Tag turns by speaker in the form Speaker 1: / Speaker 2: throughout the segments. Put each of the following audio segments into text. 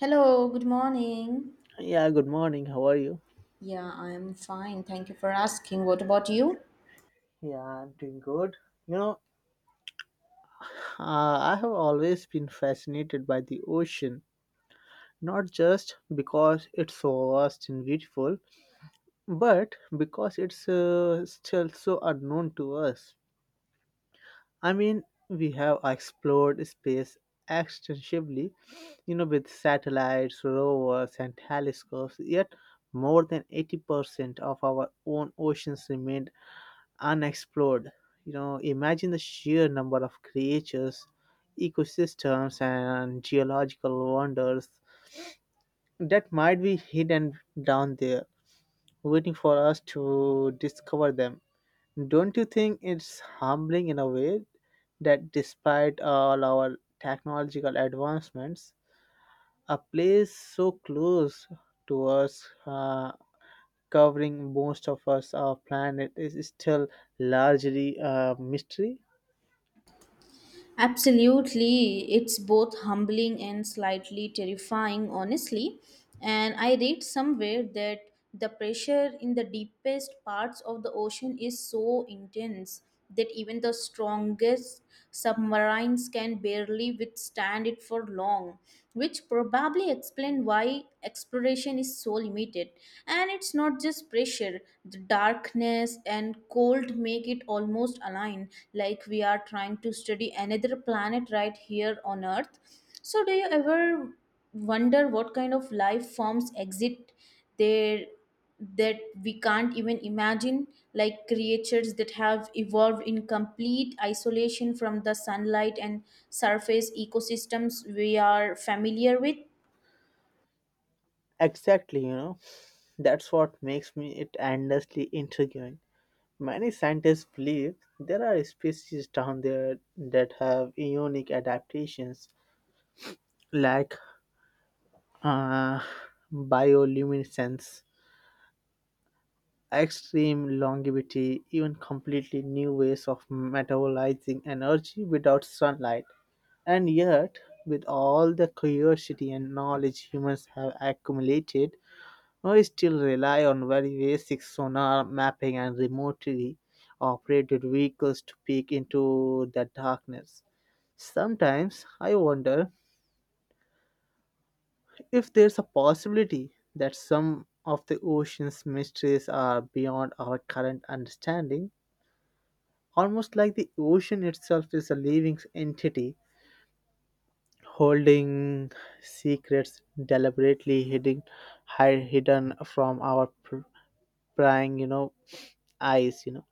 Speaker 1: Hello, good morning.
Speaker 2: Yeah, good morning. How are you?
Speaker 1: Yeah, I'm fine. Thank you for asking. What about you?
Speaker 2: Yeah, I'm doing good. You know, I have always been fascinated by the ocean, not just because it's so vast and beautiful, but because it's still so unknown to us. I mean, we have explored space extensively, with satellites, rovers, and telescopes, yet more than 80% of our own oceans remain unexplored. Imagine the sheer number of creatures, ecosystems, and geological wonders that might be hidden down there, waiting for us to discover them. Don't you think it's humbling in a way that despite all our technological advancements, a place so close to us, covering most of us, our planet, is still largely a mystery?
Speaker 1: Absolutely. It's both humbling and slightly terrifying, honestly. And I read somewhere that the pressure in the deepest parts of the ocean is so intense that even the strongest submarines can barely withstand it for long, which probably explain why exploration is so limited. And it's not just pressure, the darkness and cold make it almost align like we are trying to study another planet right here on earth. So do you ever wonder what kind of life forms exist there, that we can't even imagine, like creatures that have evolved in complete isolation from the sunlight and surface ecosystems we are familiar with?
Speaker 2: Exactly, that's what makes me it endlessly intriguing. Many scientists believe there are species down there that have unique adaptations, like uh, bioluminescence, extreme longevity, even completely new ways of metabolizing energy without sunlight. And yet, with all the curiosity and knowledge humans have accumulated, we still rely on very basic sonar mapping and remotely operated vehicles to peek into the darkness. Sometimes I wonder if there's a possibility that some of the ocean's mysteries are beyond our current understanding, almost like the ocean itself is a living entity holding secrets deliberately hidden from our prying eyes.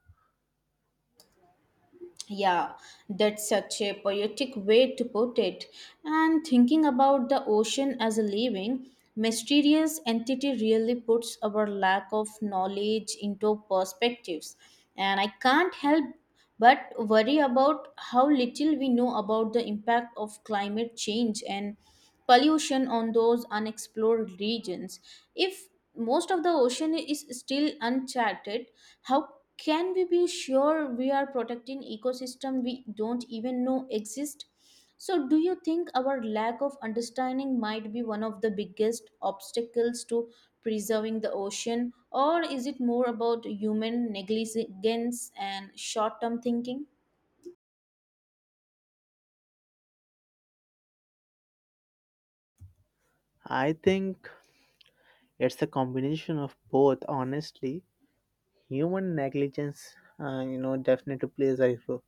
Speaker 1: Yeah, that's such a poetic way to put it. And thinking about the ocean as a living, mysterious entity really puts our lack of knowledge into perspectives. And I can't help but worry about how little we know about the impact of climate change and pollution on those unexplored regions. If most of the ocean is still uncharted, how can we be sure we are protecting ecosystem we don't even know exist? So do you think our lack of understanding might be one of the biggest obstacles to preserving the ocean, or is it more about human negligence and short-term thinking?
Speaker 2: I think it's a combination of both. Honestly, human negligence, definitely plays a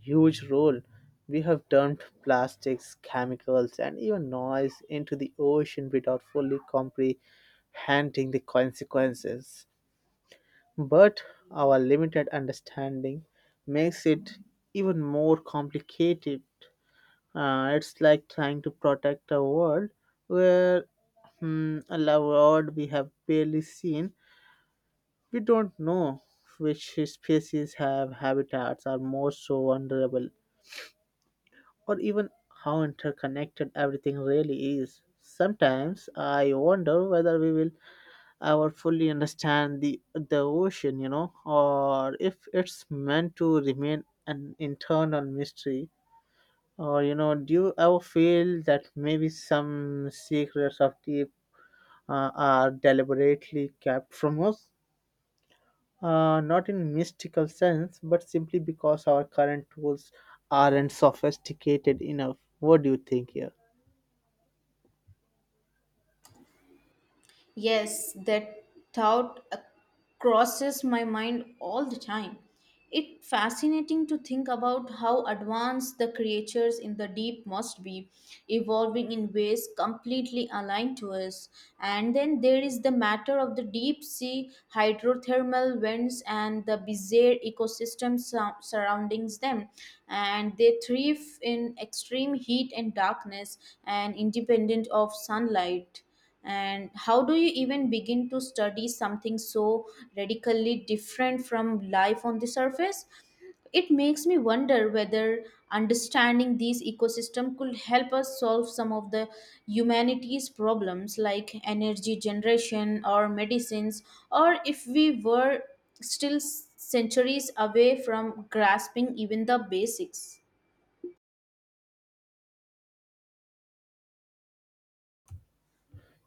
Speaker 2: huge role. We have dumped plastics, chemicals, and even noise into the ocean without fully comprehending the consequences. But our limited understanding makes it even more complicated. It's like trying to protect a world where a world we have barely seen. We don't know which species have habitats are most so vulnerable, or even how interconnected everything really is. Sometimes I wonder whether we will ever fully understand the ocean, or if it's meant to remain an internal mystery. Or do you ever feel that maybe some secrets of deep are deliberately kept from us? Not in mystical sense, but simply because our current tools aren't sophisticated enough. What do you think here?
Speaker 1: Yes, that thought crosses my mind all the time. It's fascinating to think about how advanced the creatures in the deep must be, evolving in ways completely aligned to us. And then there is the matter of the deep sea hydrothermal vents and the bizarre ecosystems surrounding them. And they thrive in extreme heat and darkness and independent of sunlight. And how do you even begin to study something so radically different from life on the surface? It makes me wonder whether understanding these ecosystem could help us solve some of the humanities problems, like energy generation or medicines, or if we were still centuries away from grasping even the basics.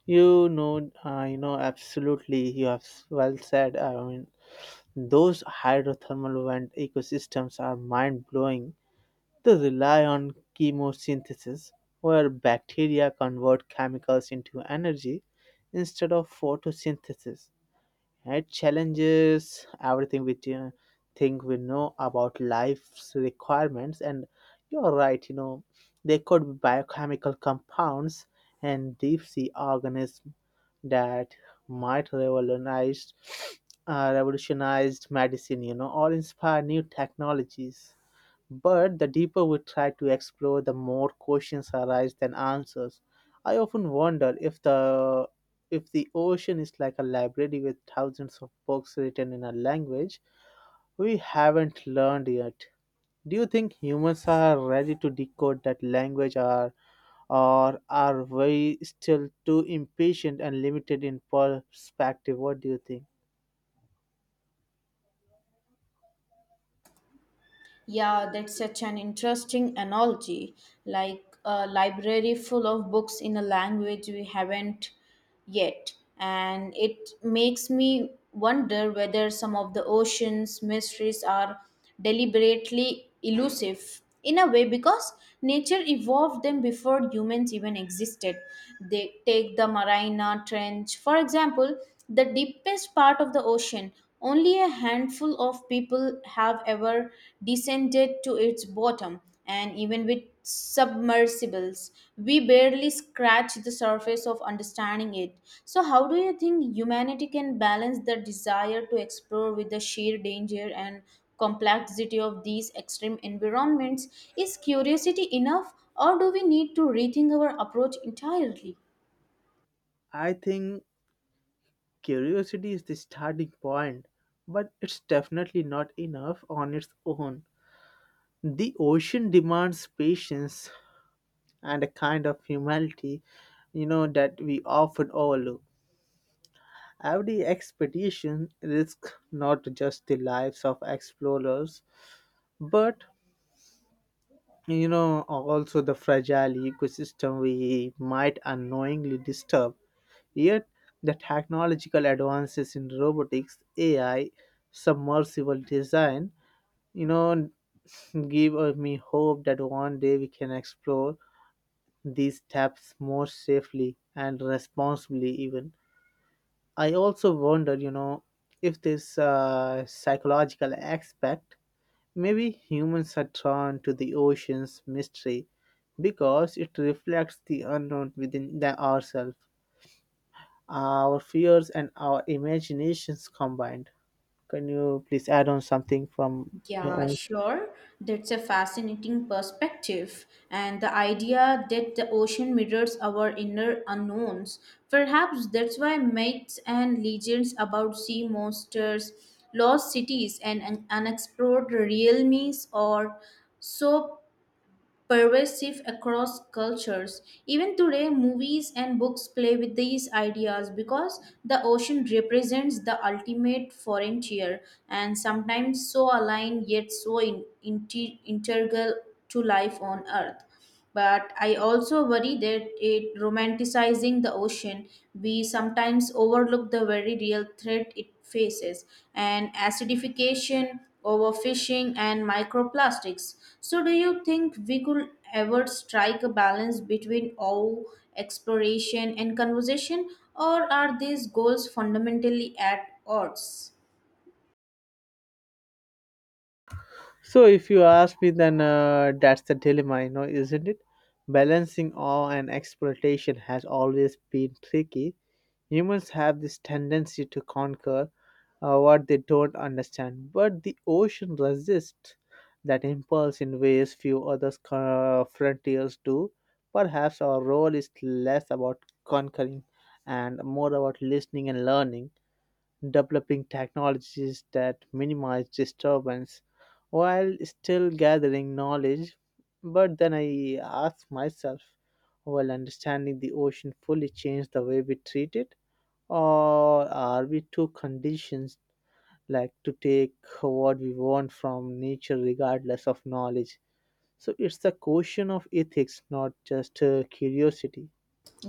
Speaker 2: Absolutely. You have well said. I mean, those hydrothermal vent ecosystems are mind blowing. They rely on chemosynthesis, where bacteria convert chemicals into energy instead of photosynthesis. It challenges everything we think we know about life's requirements, and you're right, there could be biochemical compounds and deep sea organisms that might revolutionized medicine, or inspire new technologies. But the deeper we try to explore, the more questions arise than answers. I often wonder if the ocean is like a library with thousands of books written in a language we haven't learned yet. Do you think humans are ready to decode that language or are we still too impatient and limited in perspective? What do you think?
Speaker 1: Yeah, that's such an interesting analogy. Like a library full of books in a language we haven't yet. And it makes me wonder whether some of the ocean's mysteries are deliberately elusive in a way, because nature evolved them before humans even existed. They take the Marina Trench, for example, the deepest part of the ocean. Only a handful of people have ever descended to its bottom, and even with submersibles, we barely scratch the surface of understanding it. So, how do you think humanity can balance the desire to explore with the sheer danger and complexity of these extreme environments? Is curiosity enough, or do we need to rethink our approach entirely?
Speaker 2: I think curiosity is the starting point, but it's definitely not enough on its own. The ocean demands patience and a kind of humility, that we often overlook. Every expedition risks not just the lives of explorers, but also the fragile ecosystem we might unknowingly disturb. Yet, the technological advances in robotics, AI, submersible design, you know, give me hope that one day we can explore these steps more safely and responsibly. Even, I also wonder if this psychological aspect, maybe humans are drawn to the ocean's mystery because it reflects the unknown within the ourselves, our fears and our imaginations combined. Can you please add on something from your
Speaker 1: Yeah,
Speaker 2: own?
Speaker 1: sure. That's a fascinating perspective. And the idea that the ocean mirrors our inner unknowns. Perhaps that's why myths and legends about sea monsters, lost cities, and unexplored realms are so pervasive across cultures. Even today, movies and books play with these ideas because the ocean represents the ultimate frontier and sometimes so aligned yet so integral to life on Earth. But I also worry that it romanticizing the ocean, we sometimes overlook the very real threat it faces and acidification, overfishing, and microplastics. So, do you think we could ever strike a balance between all exploration and conservation, or are these goals fundamentally at odds?
Speaker 2: So, if you ask me, then that's the dilemma, isn't it? Balancing awe and exploitation has always been tricky. Humans have this tendency to conquer what they don't understand. But the ocean resists that impulse in ways few other frontiers do. Perhaps our role is less about conquering and more about listening and learning, developing technologies that minimize disturbance while still gathering knowledge. But then I ask myself, will understanding the ocean fully change the way we treat it? Or are we too conditioned, like to take what we want from nature regardless of knowledge, so it's the question of ethics, not just curiosity.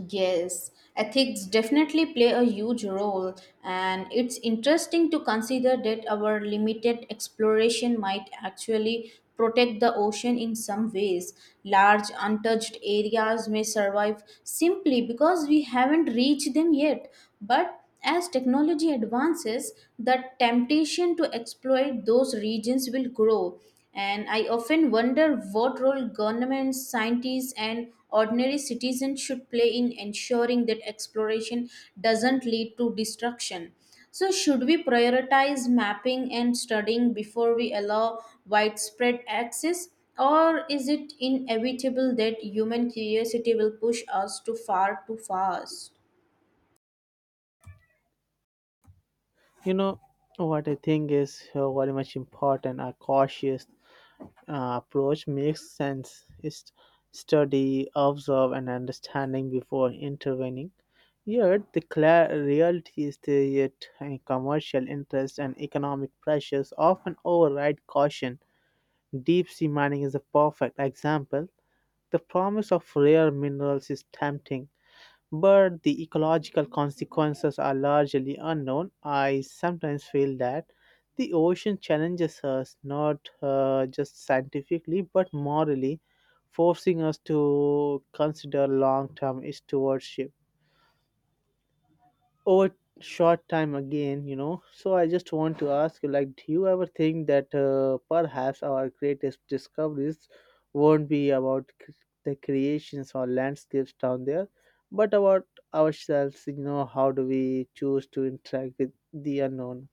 Speaker 1: Yes, ethics definitely play a huge role, and it's interesting to consider that our limited exploration might actually protect the ocean in some ways. Large untouched areas may survive simply because we haven't reached them yet, but as technology advances, the temptation to exploit those regions will grow. And I often wonder what role governments, scientists, and ordinary citizens should play in ensuring that exploration doesn't lead to destruction. So, should we prioritize mapping and studying before we allow widespread access? Or is it inevitable that human curiosity will push us too far too fast?
Speaker 2: you know what I think is very much important, a cautious approach makes sense, is study, observe, and understanding before intervening. Yet the clear reality is that, yet commercial interests and economic pressures often override caution. Deep sea mining is a perfect example. The promise of rare minerals is tempting, but the ecological consequences are largely unknown. I sometimes feel that the ocean challenges us not just scientifically but morally, forcing us to consider long term stewardship over short time again. So I just want to ask you, like, do you ever think that perhaps our greatest discoveries won't be about the creations or landscapes down there, but about ourselves? How do we choose to interact with the unknown?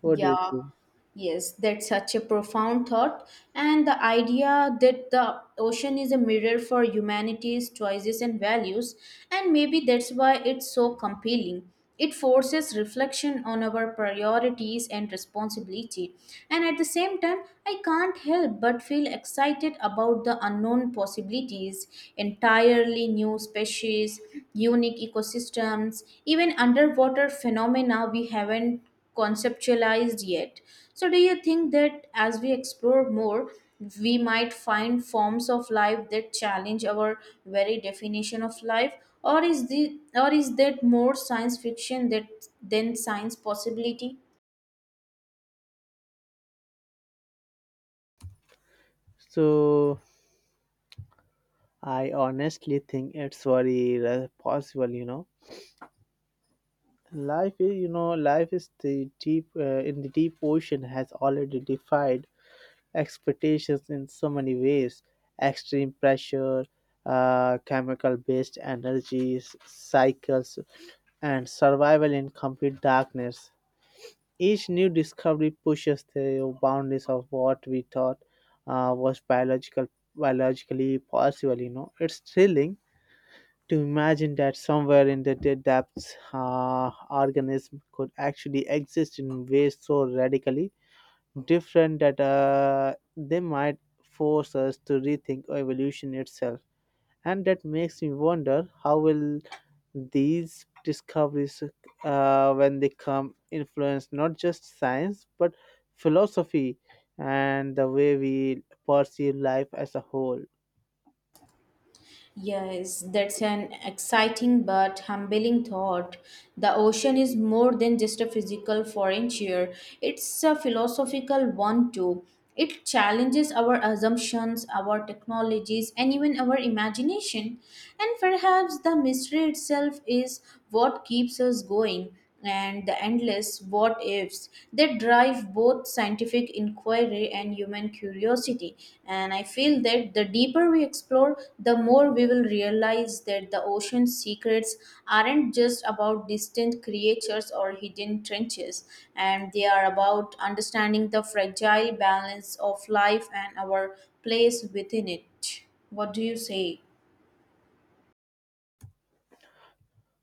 Speaker 2: What do you
Speaker 1: Yeah,
Speaker 2: think?
Speaker 1: yes, that's such a profound thought. And the idea that the ocean is a mirror for humanity's choices and values, and maybe that's why it's so compelling. It forces reflection on our priorities and responsibility. And at the same time, I can't help but feel excited about the unknown possibilities, entirely new species, unique ecosystems, even underwater phenomena we haven't conceptualized yet. So, do you think that as we explore more, we might find forms of life that challenge our very definition of life, or is the or is that more science fiction that than science possibility?
Speaker 2: So I honestly think it's very possible. Life is the deep in the deep ocean has already defied expectations in so many ways: extreme pressure, chemical based energies cycles, and survival in complete darkness. Each new discovery pushes the boundaries of what we thought was biologically possible. It's thrilling to imagine that somewhere in the depths, organism could actually exist in ways so radically different that they might force us to rethink evolution itself. And that makes me wonder how will these discoveries, when they come, influence not just science but philosophy and the way we perceive life as a whole.
Speaker 1: Yes, that's an exciting but humbling thought. The ocean is more than just a physical frontier, it's a philosophical one too. It challenges our assumptions, our technologies, and even our imagination. And perhaps the mystery itself is what keeps us going, and the endless what ifs they drive both scientific inquiry and human curiosity. And I feel that the deeper we explore, the more we will realize that the ocean's secrets aren't just about distant creatures or hidden trenches, and they are about understanding the fragile balance of life and our place within it. What do you say?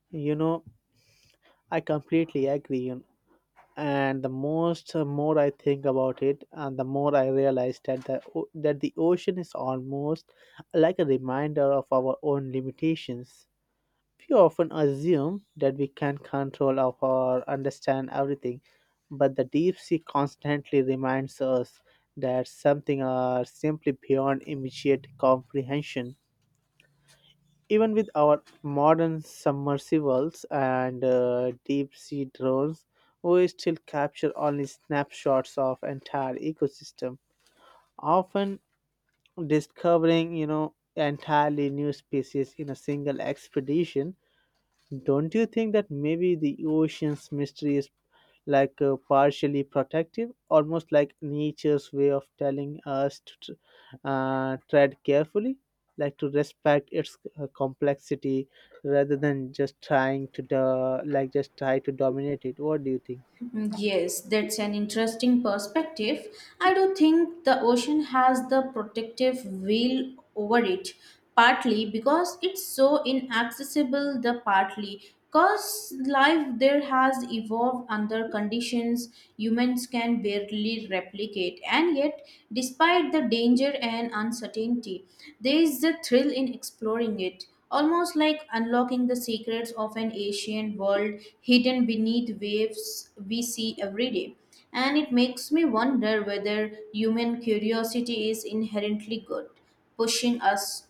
Speaker 2: You know, I completely agree. And the most more I think about it and the more I realize that the ocean is almost like a reminder of our own limitations. We often assume that we can control of or understand everything, but the deep sea constantly reminds us that something are simply beyond immediate comprehension, even with our modern submersibles and deep sea drones. We still capture only snapshots of entire ecosystem, often discovering, entirely new species in a single expedition. Don't you think that maybe the ocean's mystery is like partially protective, almost like nature's way of telling us to tread carefully, like to respect its complexity rather than just trying to like just try to dominate it? What do you think?
Speaker 1: Mm, yes, that's an interesting perspective. I do think the ocean has the protective veil over it, partly because it's so inaccessible, the partly because life there has evolved under conditions humans can barely replicate. And yet, despite the danger and uncertainty, there is a thrill in exploring it almost like unlocking the secrets of an ancient world hidden beneath waves we see every day. And it makes me wonder whether human curiosity is inherently good, pushing us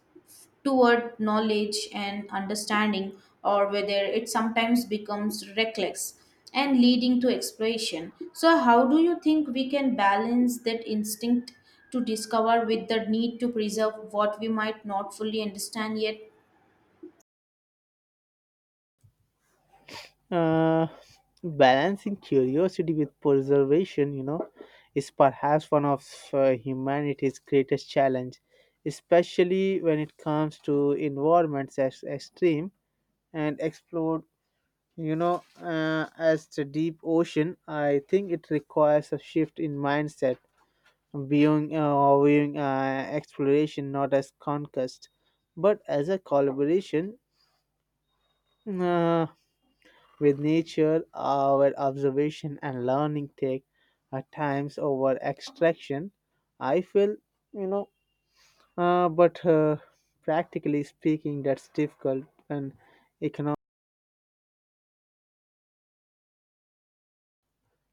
Speaker 1: toward knowledge and understanding, or whether it sometimes becomes reckless and leading to exploration. So, how do you think we can balance that instinct to discover with the need to preserve what we might not fully understand yet?
Speaker 2: Uh, Balancing curiosity with preservation, is perhaps one of humanity's greatest challenge, especially when it comes to environments as extreme and explored. As the deep ocean, I think it requires a shift in mindset, viewing exploration not as conquest, but as a collaboration. Uh, With nature, our observation and learning take times over extraction. I feel, you know, but practically speaking, that's difficult and economic.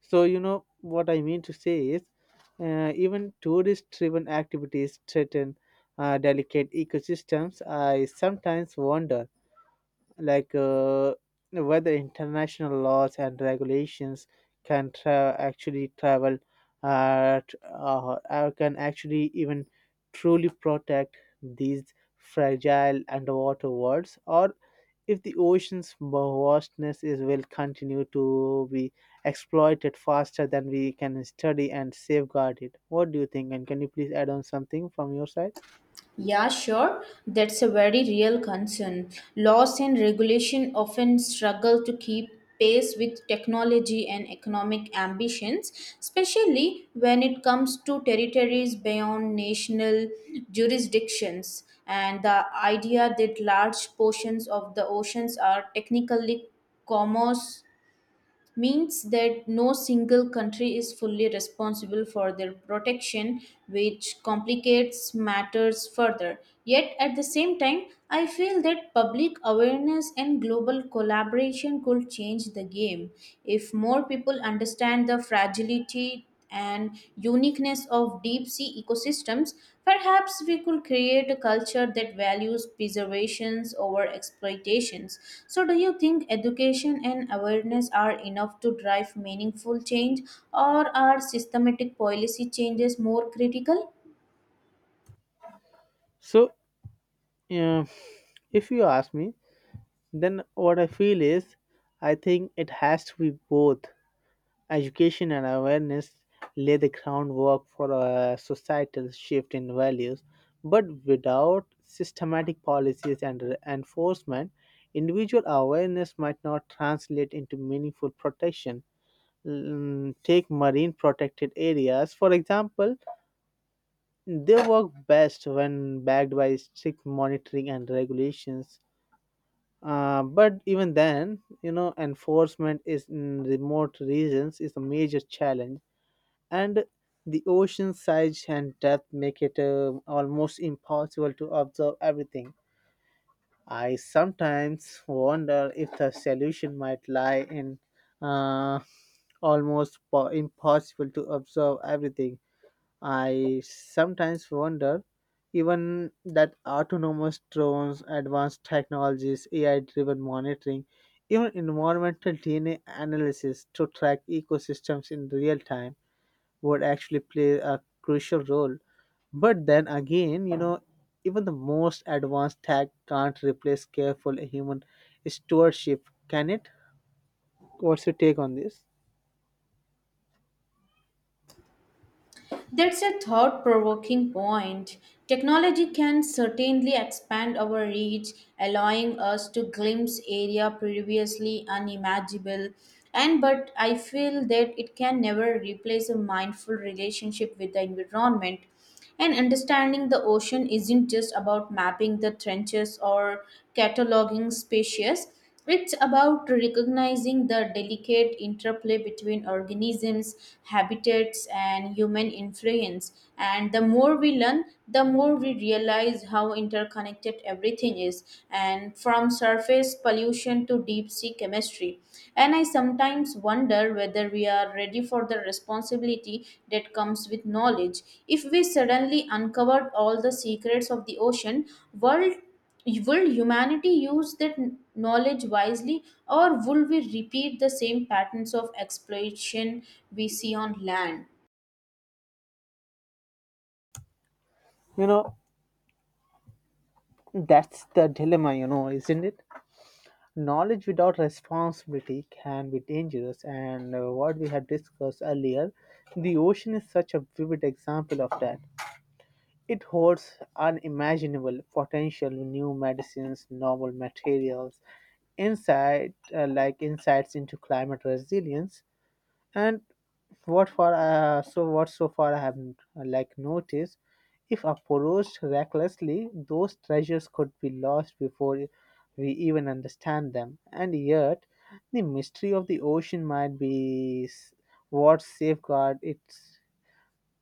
Speaker 2: So, what I mean to say is, even tourist driven activities threaten delicate ecosystems. I sometimes wonder, like whether international laws and regulations can actually travel, can actually even truly protect these fragile underwater worlds, or if the ocean's vastness is will continue to be exploited faster than we can study and safeguard it. What do you think, and can you please add on something from your side?
Speaker 1: Yeah, sure. That's a very real concern. Laws and regulation often struggle to keep pace with technology and economic ambitions, especially when it comes to territories beyond national jurisdictions. And the idea that large portions of the oceans are technically commerce means that no single country is fully responsible for their protection, which complicates matters further. Yet, at the same time, I feel that public awareness and global collaboration could change the game. If more people understand the fragility and uniqueness of deep sea ecosystems, perhaps we could create a culture that values preservations over exploitations. So, do you think education and awareness are enough to drive meaningful change, or are systematic policy changes more critical?
Speaker 2: So uh, if you ask me, then what I feel is, I think it has to be both. Education and awareness lay the groundwork for a societal shift in values, but without systematic policies and enforcement, individual awareness might not translate into meaningful protection. Take marine protected areas, for example. They work best when backed by strict monitoring and regulations, but even then, enforcement is in remote regions is a major challenge, and the ocean size and depth make it almost impossible to observe everything. I sometimes wonder if the solution might lie in uh, almost impossible to observe everything. I sometimes wonder, even that autonomous drones, advanced technologies, AI driven monitoring, even environmental DNA analysis to track ecosystems in real time would actually play a crucial role. But then again, even the most advanced tech can't replace careful human stewardship, can it? What's your take on this?
Speaker 1: That's a thought provoking point. Technology can certainly expand our reach, allowing us to glimpse area previously unimaginable. And but I feel that it can never replace a mindful relationship with the environment. And understanding the ocean isn't just about mapping the trenches or cataloging species. It's about recognizing the delicate interplay between organisms, habitats, and human influence. And the more we learn, the more we realize how interconnected everything is. And from surface pollution to deep sea chemistry. And I sometimes wonder whether we are ready for the responsibility that comes with knowledge. If we suddenly uncovered all the secrets of the ocean world, will humanity use that knowledge wisely, or will we repeat the same patterns of exploitation we see on land?
Speaker 2: You know, that's the dilemma, isn't it? Knowledge without responsibility can be dangerous, and what we had discussed earlier, the ocean is such a vivid example of that. It holds unimaginable potential, new medicines, novel materials, insight like insights into climate resilience, and what for? So what so far I have, like, noticed, if approached recklessly, those treasures could be lost before we even understand them. And yet, the mystery of the ocean might be what safeguard its.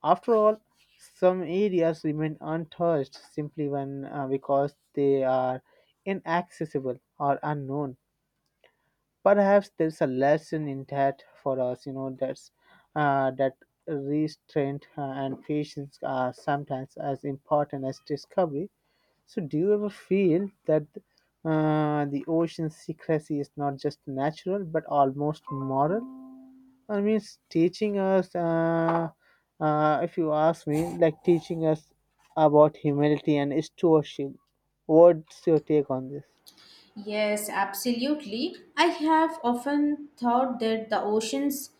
Speaker 2: After all, some areas remain untouched simply when because they are inaccessible or unknown. Perhaps there's a lesson in that for us, that restraint, and patience, are sometimes as important as discovery. So, do you ever feel that the ocean's secrecy is not just natural but almost moral? I mean, it's if you ask me, like teaching us about humility and stewardship. What's your take on this?
Speaker 1: Yes, absolutely. I have often thought that the oceans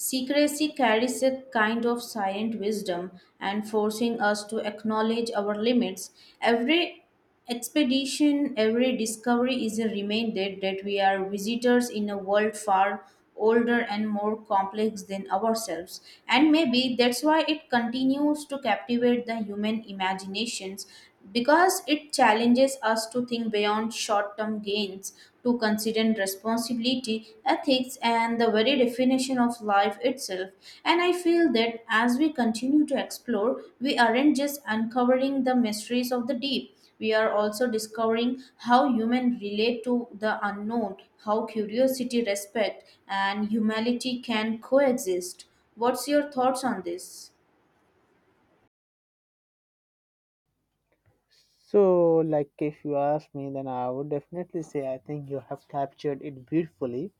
Speaker 1: secrecy carries a kind of silent wisdom and forcing us to acknowledge our limits. Every expedition, every discovery is a reminder that we are visitors in a world far older and more complex than ourselves. And maybe that's why it continues to captivate the human imaginations, because it challenges us to think beyond short term gains to considering responsibility, ethics, and the very definition of life itself. And I feel that as we continue to explore, we aren't just uncovering the mysteries of the deep. We are also discovering how humans relate to the unknown, how curiosity, respect, and humility can coexist. What's your thoughts on this?
Speaker 2: So, like, if you ask me, then I would definitely say I think you have captured it beautifully.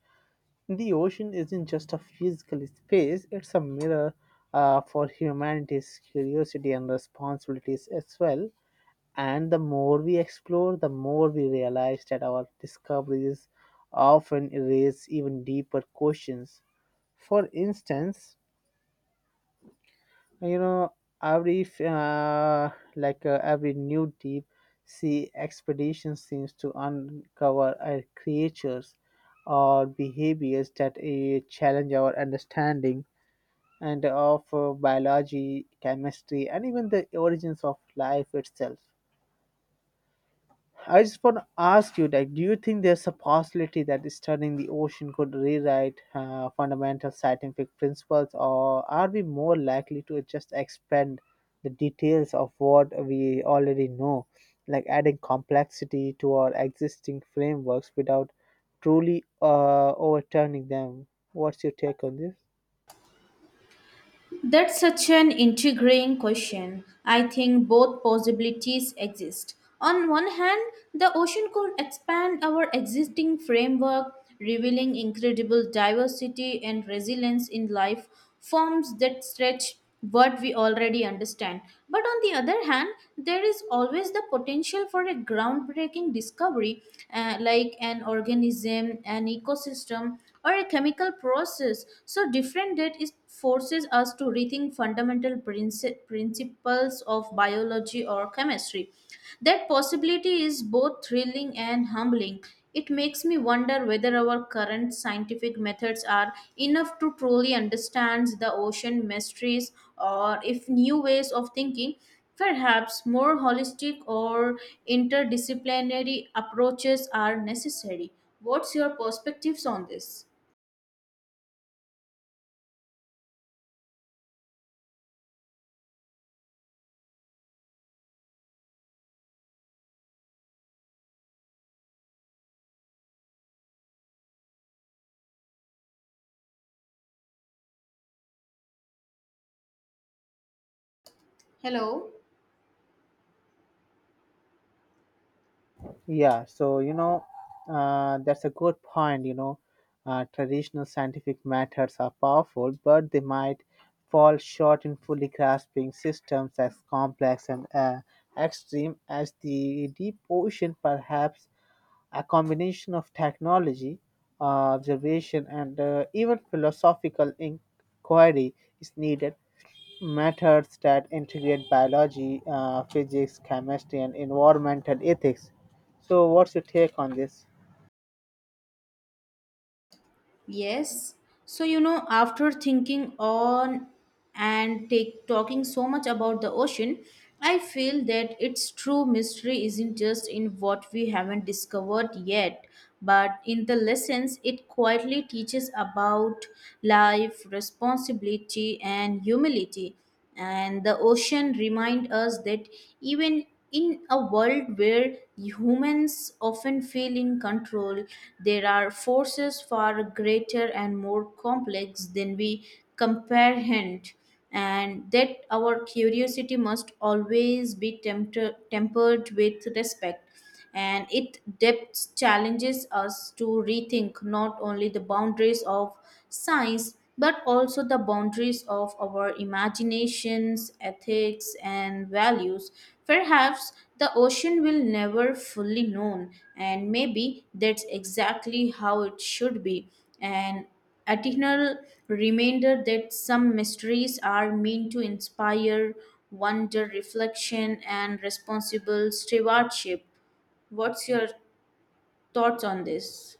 Speaker 2: The ocean isn't just a physical space, it's a mirror, for humanity's curiosity and responsibilities as well. And the more we explore, the more we realize that our discoveries often erase even deeper questions. For instance, you know every f- like every new deep sea expedition seems to uncover creatures or behaviors that challenge our understanding and of biology, chemistry, and even the origins of life itself. I just want to ask you, like, do you think there's a possibility that studying the ocean could rewrite fundamental scientific principles, or are we more likely to just expand the details of what we already know, like adding complexity to our existing frameworks without truly overturning them? What's your take on this?
Speaker 1: That's such an intriguing question. I think both possibilities exist. On one hand, the ocean could expand our existing framework, revealing incredible diversity and resilience in life forms that stretch what we already understand. But on the other hand, there is always the potential for a groundbreaking discovery, like an organism, an ecosystem, or a chemical process. So, different date is forces us to rethink fundamental principles of biology or chemistry. That possibility is both thrilling and humbling. It makes me wonder whether our current scientific methods are enough to truly understand the ocean mysteries, or if new ways of thinking, perhaps more holistic or interdisciplinary approaches are necessary. What's your perspectives on this?
Speaker 2: Yeah, so, that's a good point. Traditional scientific methods are powerful, but they might fall short in fully grasping systems as complex and extreme as the deep ocean. Perhaps a combination of technology, observation, and even philosophical inquiry is needed, methods that integrate biology, physics, chemistry, and environmental ethics. So, what's your take on this?
Speaker 1: Yes. So, you know, after thinking on and take talking so much about the ocean, I feel that its true mystery isn't just in what we haven't discovered yet, but in the lessons it quietly teaches about life, responsibility, and humility. And the ocean remind us that even in a world where humans often feel in control, there are forces far greater and more complex than we comprehend, and that our curiosity must always be tempered with respect. And it depth challenges us to rethink not only the boundaries of science but also the boundaries of our imaginations, ethics, and values. Perhaps the ocean will never fully known, and maybe that's exactly how it should be. An eternal reminder that some mysteries are meant to inspire wonder, reflection, and responsible stewardship. What's your thoughts on this?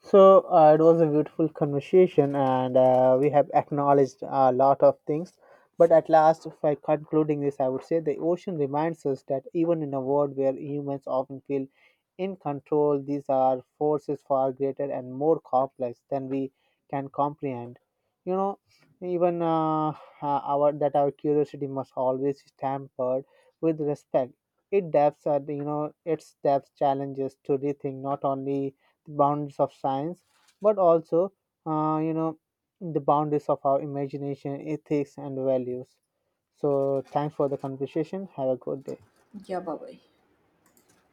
Speaker 2: So, it was a beautiful conversation, and we have acknowledged a lot of things. But at last, by concluding this, I would say the ocean reminds us that even in a world where humans often feel in control, these are forces far greater and more complex than we can comprehend. You know, Even, our curiosity must always be tempered with respect. It depths are you know its depth challenges to rethink not only the boundaries of science, but also, uh, you know, the boundaries of our imagination, ethics, and values. So, thanks for the conversation. Have a good day.
Speaker 1: Yeah, bye bye.